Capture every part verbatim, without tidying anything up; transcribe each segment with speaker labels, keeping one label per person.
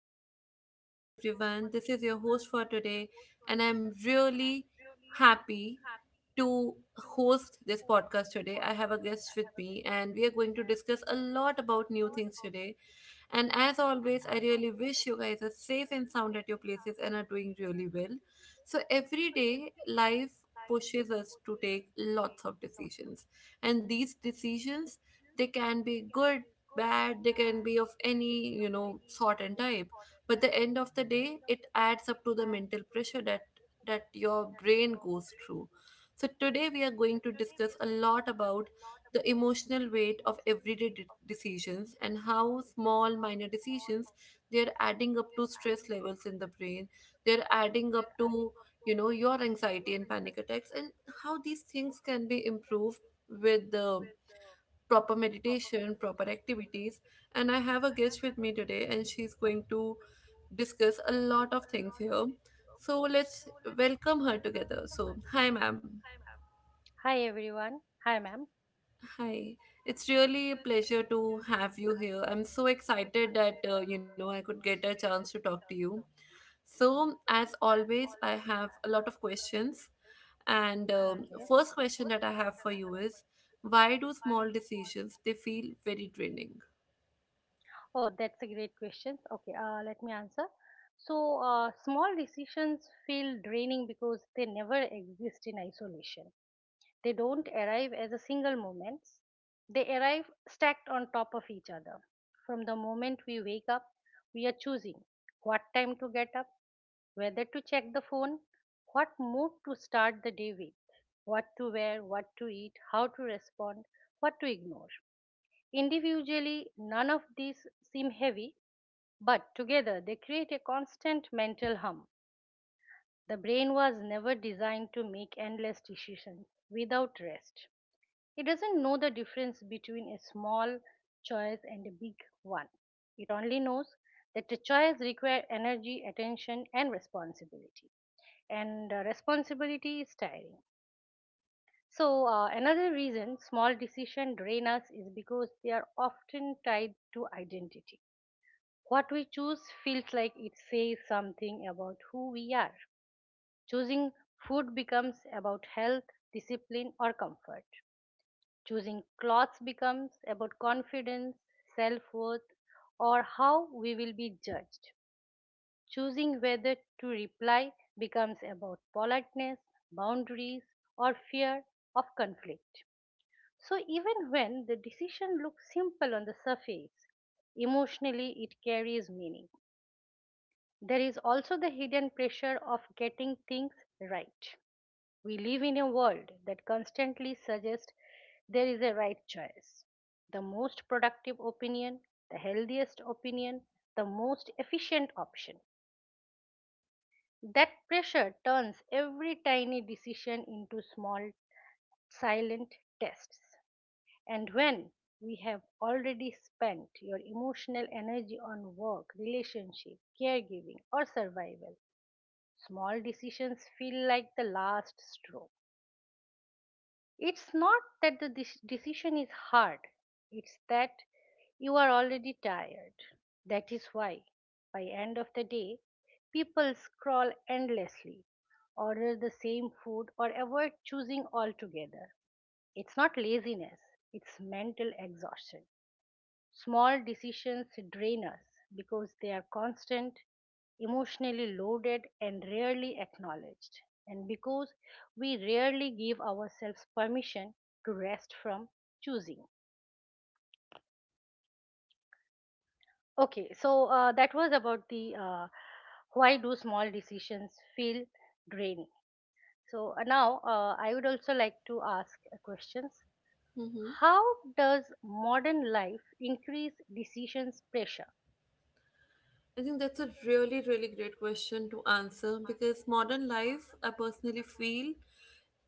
Speaker 1: very warm good morning to everyone. This is your host for today, and I'm really happy to host this podcast today. I have a guest with me, and we are going to discuss a lot about new things today. And as always, I really wish you guys are safe and sound at your places and are doing really well. So every day, life pushes us to take lots of decisions, and these decisions they can be good, bad, they can be of any you know sort and type. But the end of the day, it adds up to the mental pressure that that your brain goes through. So today we are going to discuss a lot about the emotional weight of everyday de- decisions and how small minor decisions they're adding up to stress levels in the brain, they're adding up to, you know your anxiety and panic attacks, and how these things can be improved with the proper meditation, proper activities. And I have a guest with me today, and she's going to discuss a lot of things here. So let's welcome her together. So hi, ma'am.
Speaker 2: Hi everyone. Hi ma'am.
Speaker 1: Hi, it's really a pleasure to have you here. I'm so excited that uh, you know I could get a chance to talk to you. So, as always, I have a lot of questions. And um,
Speaker 2: Okay.
Speaker 1: first question that I have for you is, why do small decisions they feel very draining?
Speaker 2: Oh, that's a great question. Okay, uh, let me answer. So, uh, small decisions feel draining because they never exist in isolation. They don't arrive as a single moments. They arrive stacked on top of each other. From the moment we wake up, we are choosing what time to get up, whether to check the phone, what mood to start the day with, what to wear, what to eat, how to respond, what to ignore. Individually, none of these seem heavy, but together they create a constant mental hum. The brain was never designed to make endless decisions without rest. It doesn't know the difference between a small choice and a big one. It only knows that the choice requires energy, attention, and responsibility. And uh, responsibility is tiring. So, uh, another reason small decisions drain us is because they are often tied to identity. What we choose feels like it says something about who we are. Choosing food becomes about health, discipline, or comfort. Choosing clothes becomes about confidence, self worth, or how we will be judged. Choosing whether to reply becomes about politeness, boundaries, or fear of conflict. So, even when the decision looks simple on the surface, emotionally it carries meaning. There is also the hidden pressure of getting things right. We live in a world that constantly suggests there is a right choice. The most productive opinion, the healthiest opinion, the most efficient option. That pressure turns every tiny decision into small, silent tests. And when we have already spent your emotional energy on work, relationship, caregiving, or survival, small decisions feel like the last straw. It's not that the dec- decision is hard, it's that you are already tired. That is why, by end of the day, people scroll endlessly, order the same food, or avoid choosing altogether. It's not laziness, it's mental exhaustion. Small decisions drain us because they are constant, emotionally loaded, and rarely acknowledged. And because we rarely give ourselves permission to rest from choosing. Okay, so uh, that was about the uh, why do small decisions feel draining. So uh, now uh, I would also like to ask uh, questions.
Speaker 1: Mm-hmm.
Speaker 2: How does modern life increase decisions pressure?
Speaker 1: I think that's a really, really great question to answer because modern life, I personally feel,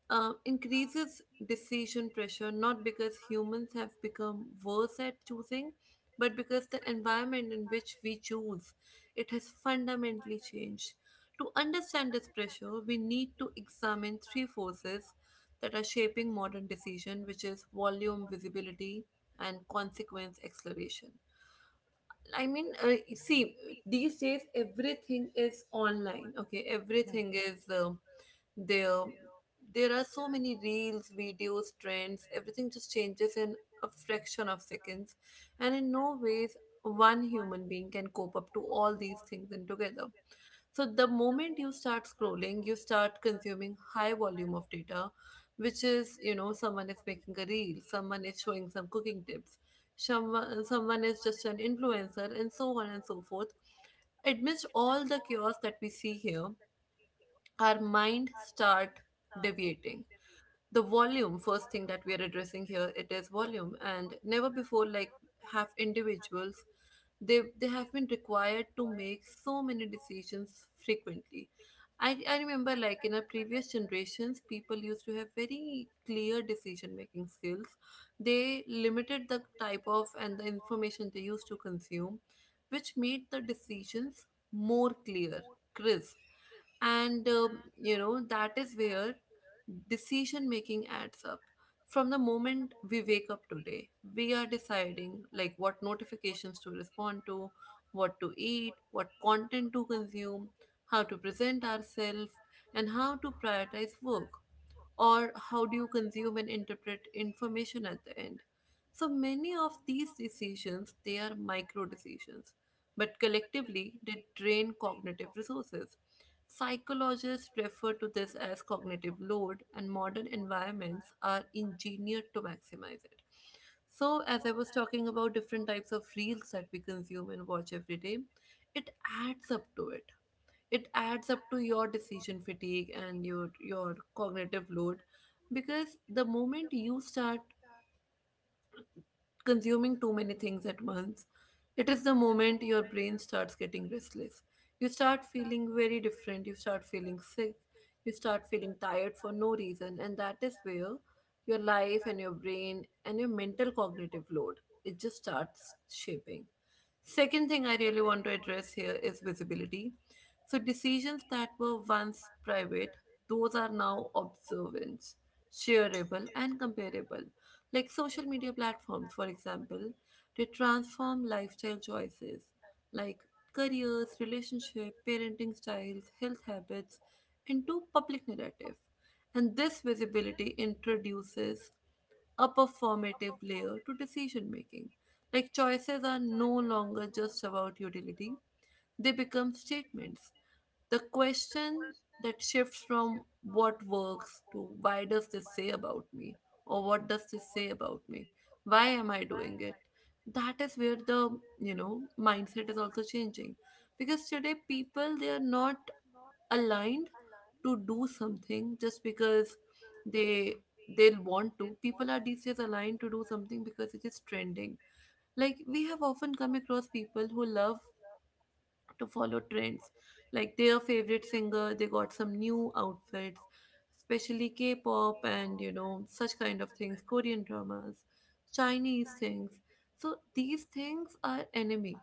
Speaker 1: uh, increases decision pressure, not because humans have become worse at choosing, but because the environment in which we choose, it has fundamentally changed. To understand this pressure, we need to examine three forces that are shaping modern decision, which is volume, visibility, and consequence acceleration. I mean, uh, see, these days everything is online. Okay,
Speaker 2: Hmm.
Speaker 1: everything is uh, there. There are so many reels, videos, trends. Everything just changes in a fraction of seconds, and in no ways one human being can cope up to all these things in together. So the moment you start scrolling, you start consuming high volume of data, which is, you know, someone is making a reel, someone is showing some cooking tips, someone, someone is just an influencer, and so on and so forth. Amidst all the chaos that we see here, our mind start deviating the volume. First thing that we are addressing here, it is volume. And never before like have individuals they they have been required to make so many decisions frequently. I, I remember, like in our previous generations people used to have very clear decision making skills. They limited the type of and the information they used to consume, which made the decisions more clear, crisp. And um, you know that is where decision making adds up. From the moment we wake up today, we are deciding like what notifications to respond to, what to eat, what content to consume, how to present ourselves, and how to prioritize work, or how do you consume and interpret information at the end. So many of these decisions, they are micro decisions, but collectively they drain cognitive resources. Psychologists refer to this as cognitive load, and modern environments are engineered to maximize it. So, as I was talking about different types of reels that we consume and watch every day, it adds up to it. It adds up to your decision fatigue and your your cognitive load, because the moment you start consuming too many things at once. It is the moment your brain starts getting restless. You start feeling very different, you start feeling sick, you start feeling tired for no reason, and that is where your life and your brain and your mental cognitive load it just starts shaping. Second thing I really want to address here is visibility. So, decisions that were once private, those are now observant, shareable, and comparable. Like social media platforms, for example, they transform lifestyle choices like careers, relationship, parenting styles, health habits into public narrative. And this visibility introduces a performative layer to decision making. Like choices are no longer just about utility, they become statements. The question that shifts from what works to why does this say about me, or what does this say about me? Why am I doing it? That is where the, you know mindset is also changing, because today people they are not aligned to do something just because they they'll want to. People are these days aligned to do something because it is trending. Like we have often come across people who love to follow trends, like their favorite singer they got some new outfits, especially K-pop and, you know such kind of things, Korean dramas, Chinese things. So these things are enemy.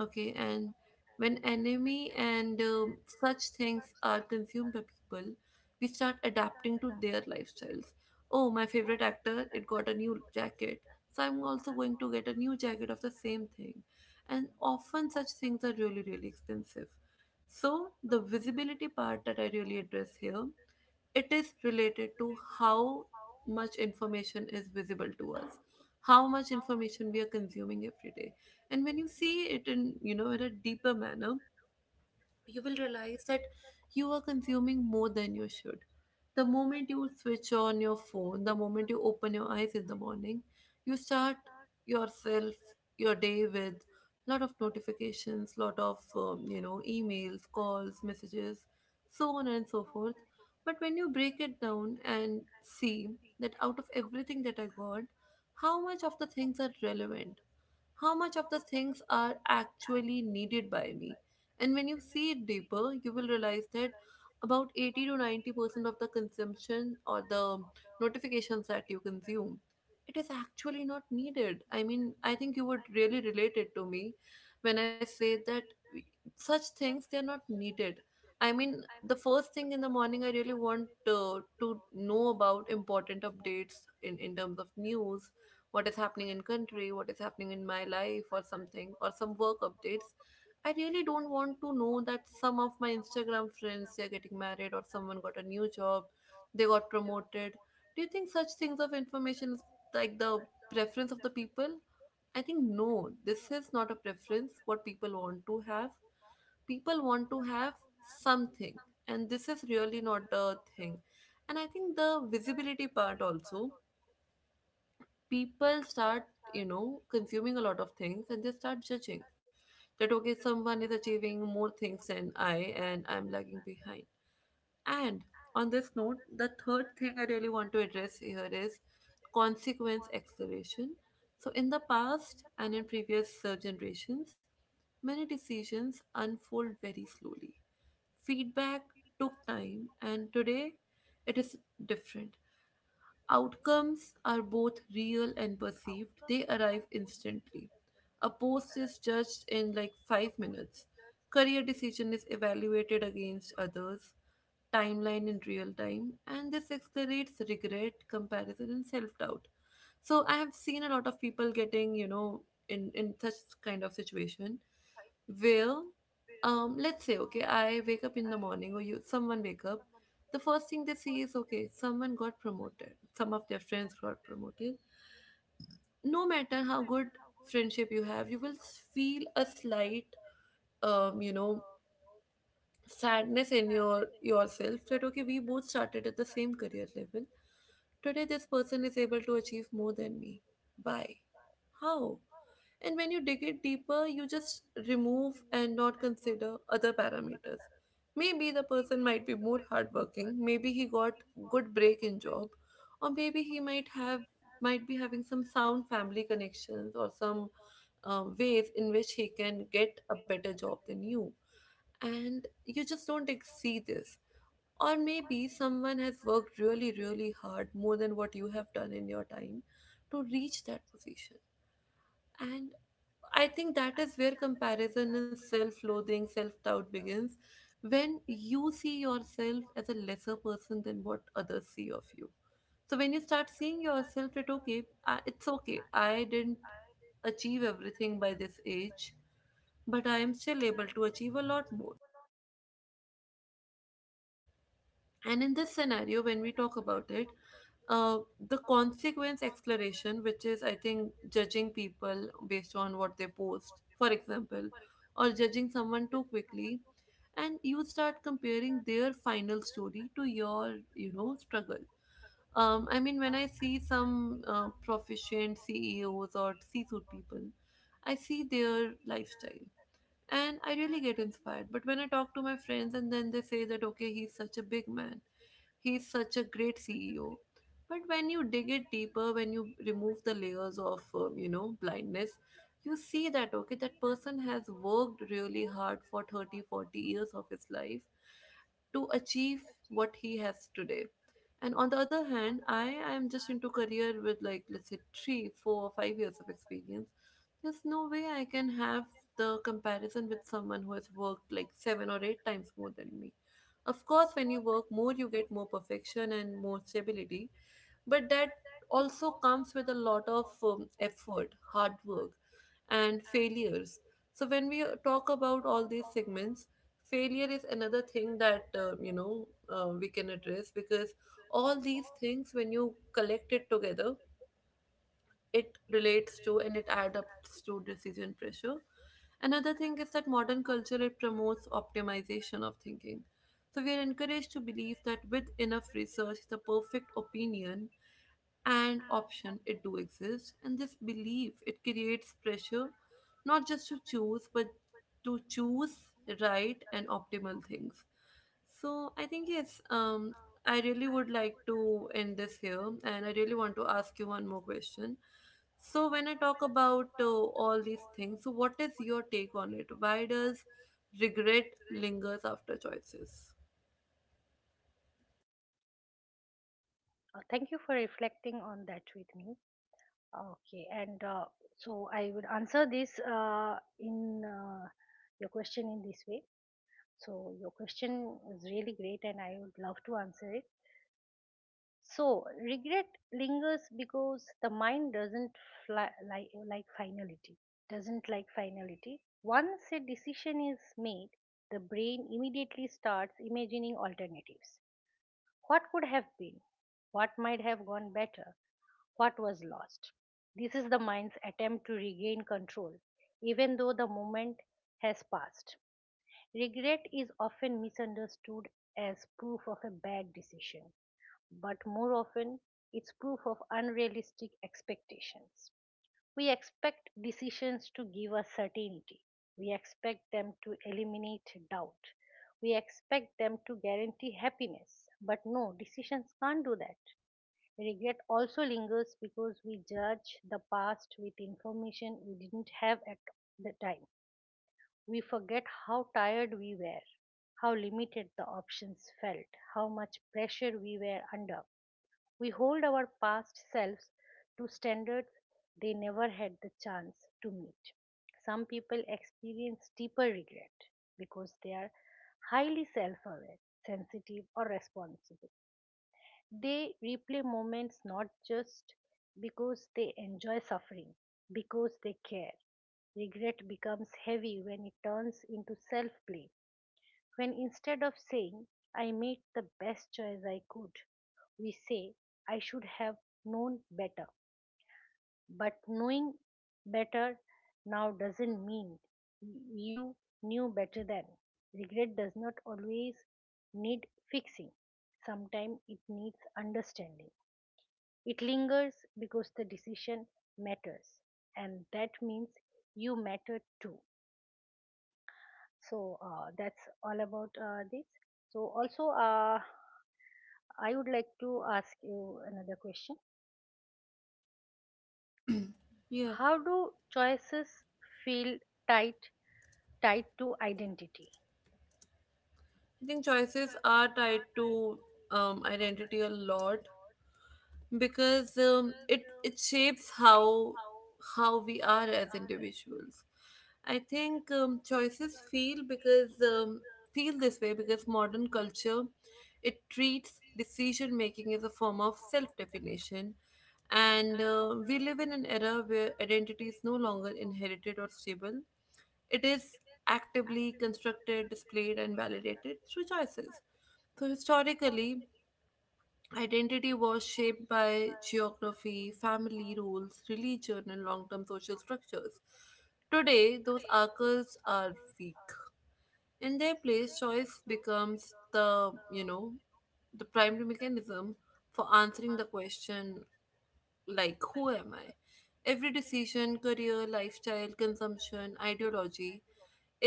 Speaker 1: Okay, and when enemy and uh, such things are consumed by people, we start adapting to their lifestyles. Oh, my favorite actor, it got a new jacket. So I'm also going to get a new jacket of the same thing. And often such things are really, really expensive. So the visibility part that I really address here, it is related to how much information is visible to us, how much information we are consuming every day. And when you see it in, you know in a deeper manner, you will realize that you are consuming more than you should. The moment you switch on your phone, the moment you open your eyes in the morning, you start yourself your day with lot of notifications, lot of um, you know emails, calls, messages, so on and so forth. But when you break it down and see that out of everything that I got, how much of the things are relevant, how much of the things are actually needed by me. And when you see it deeper, you will realize that about eighty to ninety percent of the consumption or the notifications that you consume, it is actually not needed. I mean, I think you would really relate it to me when I say that we- such things they are not needed. I mean, the first thing in the morning, I really want uh, to know about important updates in, in terms of news, what is happening in country, what is happening in my life or something, or some work updates. I really don't want to know that some of my Instagram friends they're getting married, or someone got a new job, they got promoted. Do you think such things of information is like the preference of the people? I think no, this is not a preference what people want to have. People want to have something, and this is really not the thing. And I think the visibility part also, people start, you know consuming a lot of things and they start judging that okay, someone is achieving more things than I, and I'm lagging behind. And on this note, the third thing I really want to address here is consequence acceleration. So in the past and in previous uh, generations, many decisions unfold very slowly, feedback took time, and today it is different. Outcomes are both real and perceived, they arrive instantly. A post is judged in like five minutes. Career decision is evaluated against others, timeline in real time, and this accelerates regret, comparison, and self doubt. So I have seen a lot of people getting, you know, in in such kind of situation where, um let's say okay, I wake up in the morning, or you, someone wake up, the first thing they see is okay, someone got promoted, some of their friends got promoted. No matter how good friendship you have, you will s- feel a slight, um you know sadness in your yourself, that okay, we both started at the same career level, today this person is able to achieve more than me. Why? How? And when you dig it deeper, you just remove and not consider other parameters. Maybe the person might be more hardworking, maybe he got good break in job, or maybe he might have might be having some sound family connections, or some um, ways in which he can get a better job than you. And you just don't ex- see this. Or maybe someone has worked really, really hard more than what you have done in your time to reach that position. And I think that is where comparison and self loathing, self doubt begins. When you see yourself as a lesser person than what others see of you. So when you start seeing yourself that, okay, I, it's okay, I didn't achieve everything by this age, but I am still able to achieve a lot more. And in this scenario, when we talk about it, uh, the consequence exploration, which is, I think, judging people based on what they post, for example, or judging someone too quickly, and you start comparing their final story to your, you know, struggle. Um, I mean, when I see some uh, proficient C E Os or C-suite people, I see their lifestyle and I really get inspired. But when I talk to my friends and then they say that, okay, he's such a big man, he's such a great C E O. But when you dig it deeper, when you remove the layers of um, you know blindness, you see that, okay, that person has worked really hard for thirty, forty years of his life to achieve what he has today. And on the other hand, I am just into career with, like, let's say three, four, or five years of experience. There's no way I can have the comparison with someone who has worked like seven or eight times more than me. Of course, when you work more, you get more perfection and more stability, but that also comes with a lot of um, effort, hard work, and failures. So when we uh, talk about all these segments, failure is another thing that uh, you know uh, we can address, because all these things, when you collect it together, it relates to and it adapts to decision pressure. Another thing is that modern culture, it promotes optimization of thinking. So we are encouraged to believe that with enough research, the perfect opinion and option, it do exist, and this belief, it creates pressure not just to choose but to choose right and optimal things. So i think yes um I really would like to end this here, and I really want to ask you one more question. So when I talk about uh, all these things, so what is your take on it? Why does regret lingers after choices?
Speaker 2: Uh, Thank you for reflecting on that with me. Okay, and uh, so I would answer this uh, in uh, your question in this way. So your question is really great, and I would love to answer it. So regret lingers because the mind doesn't fly, like like finality. Doesn't like finality. Once a decision is made, the brain immediately starts imagining alternatives. What could have been? What might have gone better? What was lost? This is the mind's attempt to regain control, even though the moment has passed. Regret is often misunderstood as proof of a bad decision, but more often it's proof of unrealistic expectations. We expect decisions to give us certainty. We expect them to eliminate doubt. We expect them to guarantee happiness. But no, decisions can't do that. Regret also lingers because we judge the past with information we didn't have at the time. We forget how tired we were, how limited the options felt, how much pressure we were under. We hold our past selves to standards they never had the chance to meet. Some people experience deeper regret because they are highly self aware, sensitive, or responsible. They replay moments not just because they enjoy suffering, because they care. Regret becomes heavy when it turns into self blame when instead of saying, I made the best choice I could, we say, I should have known better. But knowing better now doesn't mean you knew better then. Regret does not always need fixing, sometimes it needs understanding. It lingers because the decision matters, and that means you matter too. So uh, that's all about uh, this. So also, uh, I would like to ask you another question.
Speaker 1: Yeah,
Speaker 2: How do choices feel tight tied to identity?
Speaker 1: I think choices are tied to um, identity a lot. Because um, it it shapes how how we are as individuals. I think um, choices feel because um, feel this way because modern culture, it treats decision making as a form of self definition, and uh, we live in an era where identity is no longer inherited or stable. It is actively constructed, displayed, and validated through choices. So historically, Identity was shaped by geography, family roles, religion, and long term social structures. Today, those anchors are weak. In their place, choice becomes the, you know, the primary mechanism for answering the question, like, who am I? Every decision, career, lifestyle, consumption, ideology,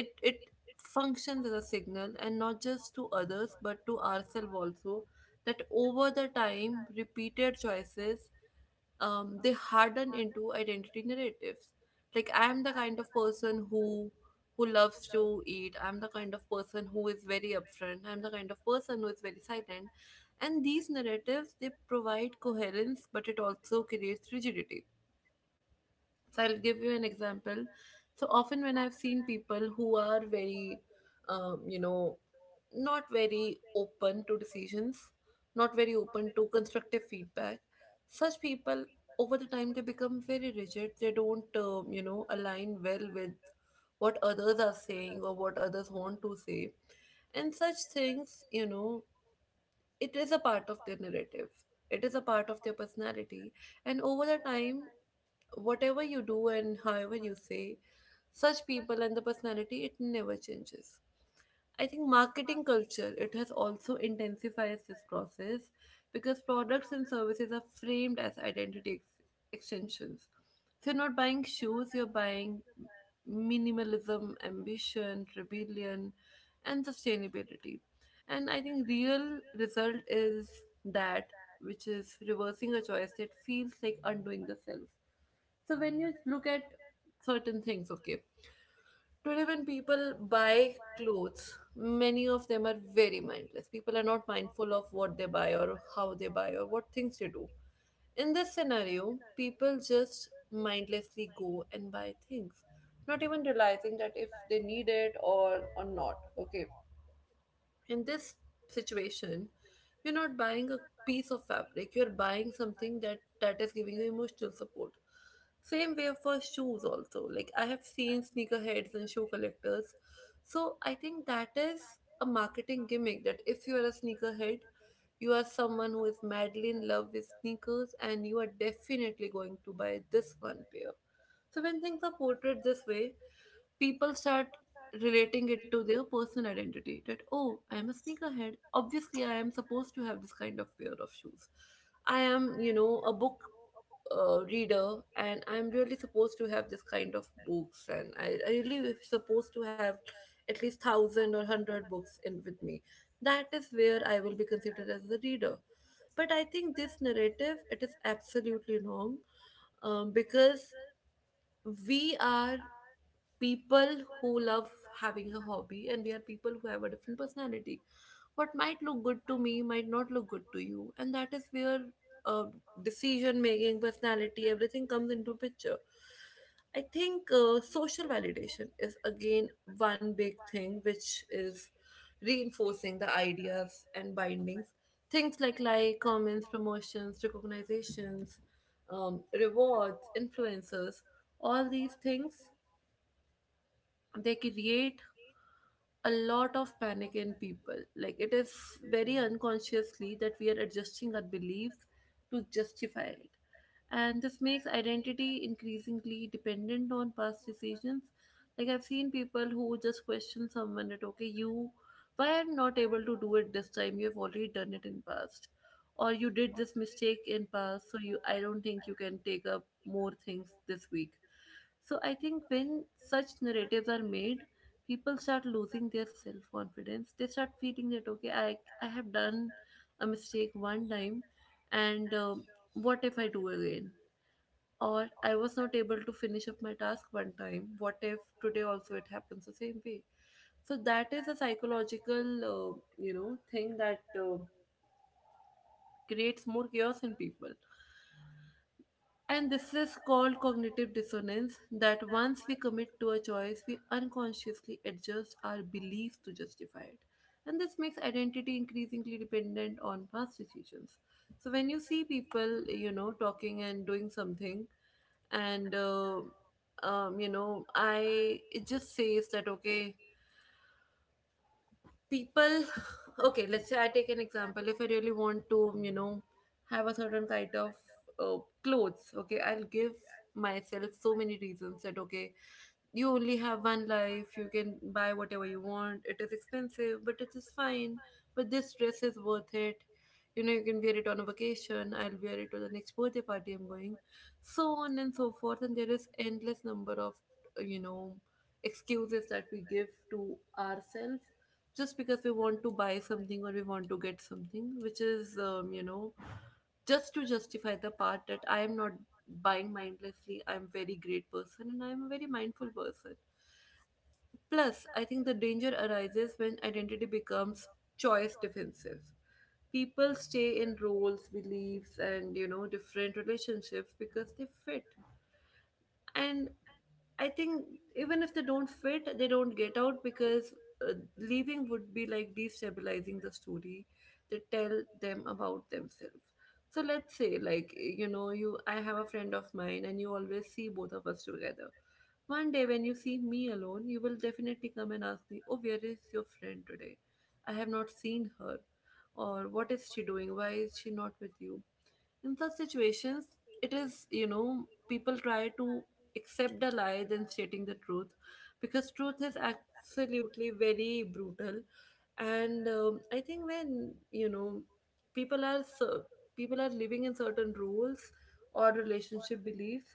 Speaker 1: it it functions as a signal, and not just to others but to ourselves also. That, over the time, repeated choices, um, they harden into identity narratives. Like, I am the kind of person who who loves to eat, I'm the kind of person who is very upfront, I'm the kind of person who is very silent. And these narratives, they provide coherence, but it also creates rigidity. So I'll give you an example. So often when I've seen people who are very, um, you know not very open to decisions, not very open to constructive feedback, such people, over the time, they become very rigid. They don't, um, you know align well with what others are saying or what others want to say. And such things, you know, it is a part of their narrative, it is a part of their personality. And over the time, whatever you do and however you say, such people and the personality, it never changes. I think marketing culture, it has also intensified this process, because products and services are framed as identity ex- extensions. So you're not buying shoes, you're buying minimalism, ambition, rebellion, and sustainability. And I think real result is that, which is reversing a choice that feels like undoing the self. So when you look at certain things, okay, today, when people buy clothes, many of them are very mindless. People are not mindful of what they buy or how they buy or what things they do. In this scenario, people just mindlessly go and buy things, not even realizing that if they need it, or, or not. Okay, in this situation, you're not buying a piece of fabric, you're buying something that that is giving you emotional support. Same way for shoes also, like, I have seen sneakerheads and shoe collectors. So I think that is a marketing gimmick that if you are a sneakerhead, you are someone who is madly in love with sneakers and you are definitely going to buy this one pair. So when things are portrayed this way, people start relating it to their personal identity, that, oh, I am a sneakerhead, obviously I am supposed to have this kind of pair of shoes. I am, you know, a book uh, reader, and I'm really supposed to have this kind of books, and i, I really was supposed to have at least one thousand or one hundred books in with me. That is where I will be considered as a reader. But I think this narrative, it is absolutely wrong. Um, because we are people who love having a hobby, and we are people who have a different personality. What might look good to me might not look good to you, and that is where uh, decision making, personality, everything comes into picture. I think uh, social validation is again one big thing which is reinforcing the ideas and bindings. Things like like comments, promotions, recognitions, um, rewards, influencers, all these things, they create a lot of panic in people. Like, it is very unconsciously that we are adjusting our beliefs to justify it, and this makes identity increasingly dependent on past decisions. Like, I've seen people who just question someone that, okay, you, why I'm not able to do it this time? You've already done it in past, or you did this mistake in past, so you, I don't think you can take up more things this week. So I think when such narratives are made, people start losing their self confidence. They start feeling that, okay, I I have done a mistake one time, and uh, what if I do again? Or I was not able to finish up my task one time. What if today also it happens the same way? So that is a psychological, uh, you know, thing that uh, creates more chaos in people. And this is called cognitive dissonance, that once we commit to a choice, we unconsciously adjust our beliefs to justify it. And this makes identity increasingly dependent on past decisions. So when you see people, you know, talking and doing something, and uh, um, you know I it just says that, okay, people okay, let's say I take an example. If I really want to, you know, have a certain kind of uh, clothes, okay, I'll give myself so many reasons that, okay, you only have one life, you can buy whatever you want, it is expensive but it is fine, but this dress is worth it, you know, you can wear it on a vacation, I'll wear it to the next birthday party I'm going, so on and so forth. And there is endless number of uh, you know excuses that we give to ourselves, just because we want to buy something or we want to get something, which is, um, you know just to justify the part that I am not buying mindlessly, I'm very great person, and I'm a very mindful person. Plus, I think the danger arises when identity becomes choice defensive. People stay in roles, beliefs, and, you know, different relationships because they fit. And I think even if they don't fit, they don't get out, because uh, leaving would be like destabilizing the story they tell them about themselves. So let's say, like, you know, you I have a friend of mine and you always see both of us together. One day when you see me alone, you will definitely come and ask me, oh, where is your friend today? I have not seen her. Or what is she doing? Why is she not with you? In such situations, it is, you know, people try to accept a lie than stating the truth, because truth is absolutely very brutal. And um, I think, when, you know, people are so, people are living in certain rules or relationship beliefs,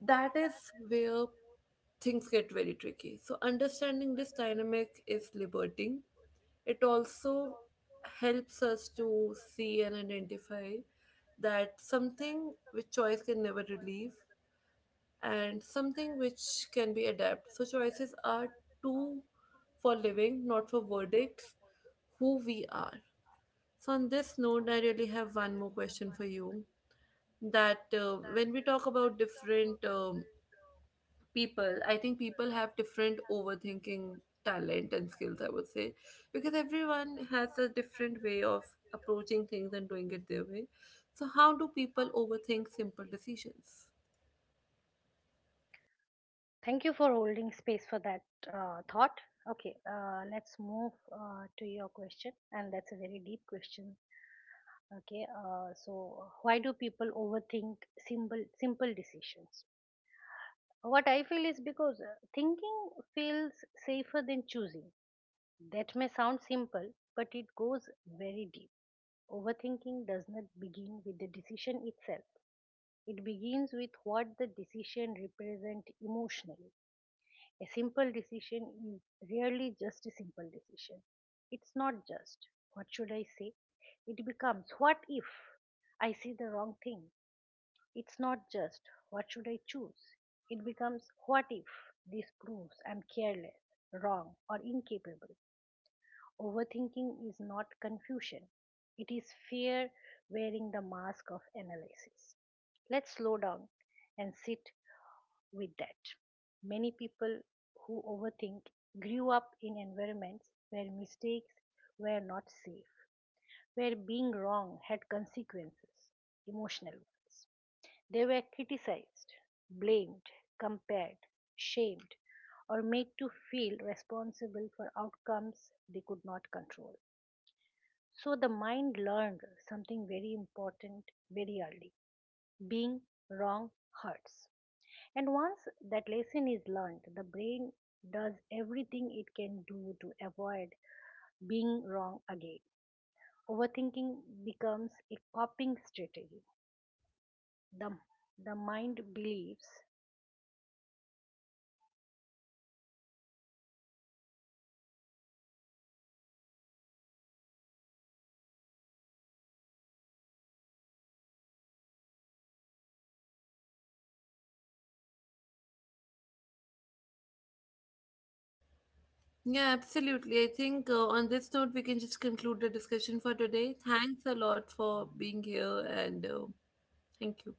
Speaker 1: that is where things get very tricky. So understanding this dynamic is liberating. It also helps us to see and identify that something which choice can never relieve, and something which can be adapted. So choices are too for living, not for verdicts, who we are. So on this note, I really have one more question for you. That uh, when we talk about different um, people, I think people have different overthinking talent and skills, I would say, because everyone has a different way of approaching things and doing it their way. So how do people overthink simple decisions?
Speaker 2: Thank you for holding space for that uh, thought. Okay, uh, let's move uh, to your question, and that's a very deep question. Okay, uh, so why do people overthink simple simple decisions? What I feel is because uh, thinking feels safer than choosing. That may sound simple, but it goes very deep. Overthinking does not begin with the decision itself. It begins with what the decision represents emotionally. A simple decision is rarely just a simple decision. It's not just, what should I say? It becomes, what if I see the wrong thing? It's not just, what should I choose? It becomes, what if this proves I'm careless, wrong, or incapable? Overthinking is not confusion, it is fear wearing the mask of analysis. Let's slow down and sit with that. Many people who overthink grew up in environments where mistakes were not safe, where being wrong had consequences, emotional ones. They were criticized, blamed, compared, shamed, or made to feel responsible for outcomes they could not control. So the mind learned something very important very early being wrong hurts. And once that lesson is learned, the brain does everything it can do to avoid being wrong again. Overthinking becomes a coping strategy. The, the mind believes
Speaker 1: Yeah, absolutely, I think uh, on this note we can just conclude the discussion for today. Thanks a lot for being here, and uh, thank you.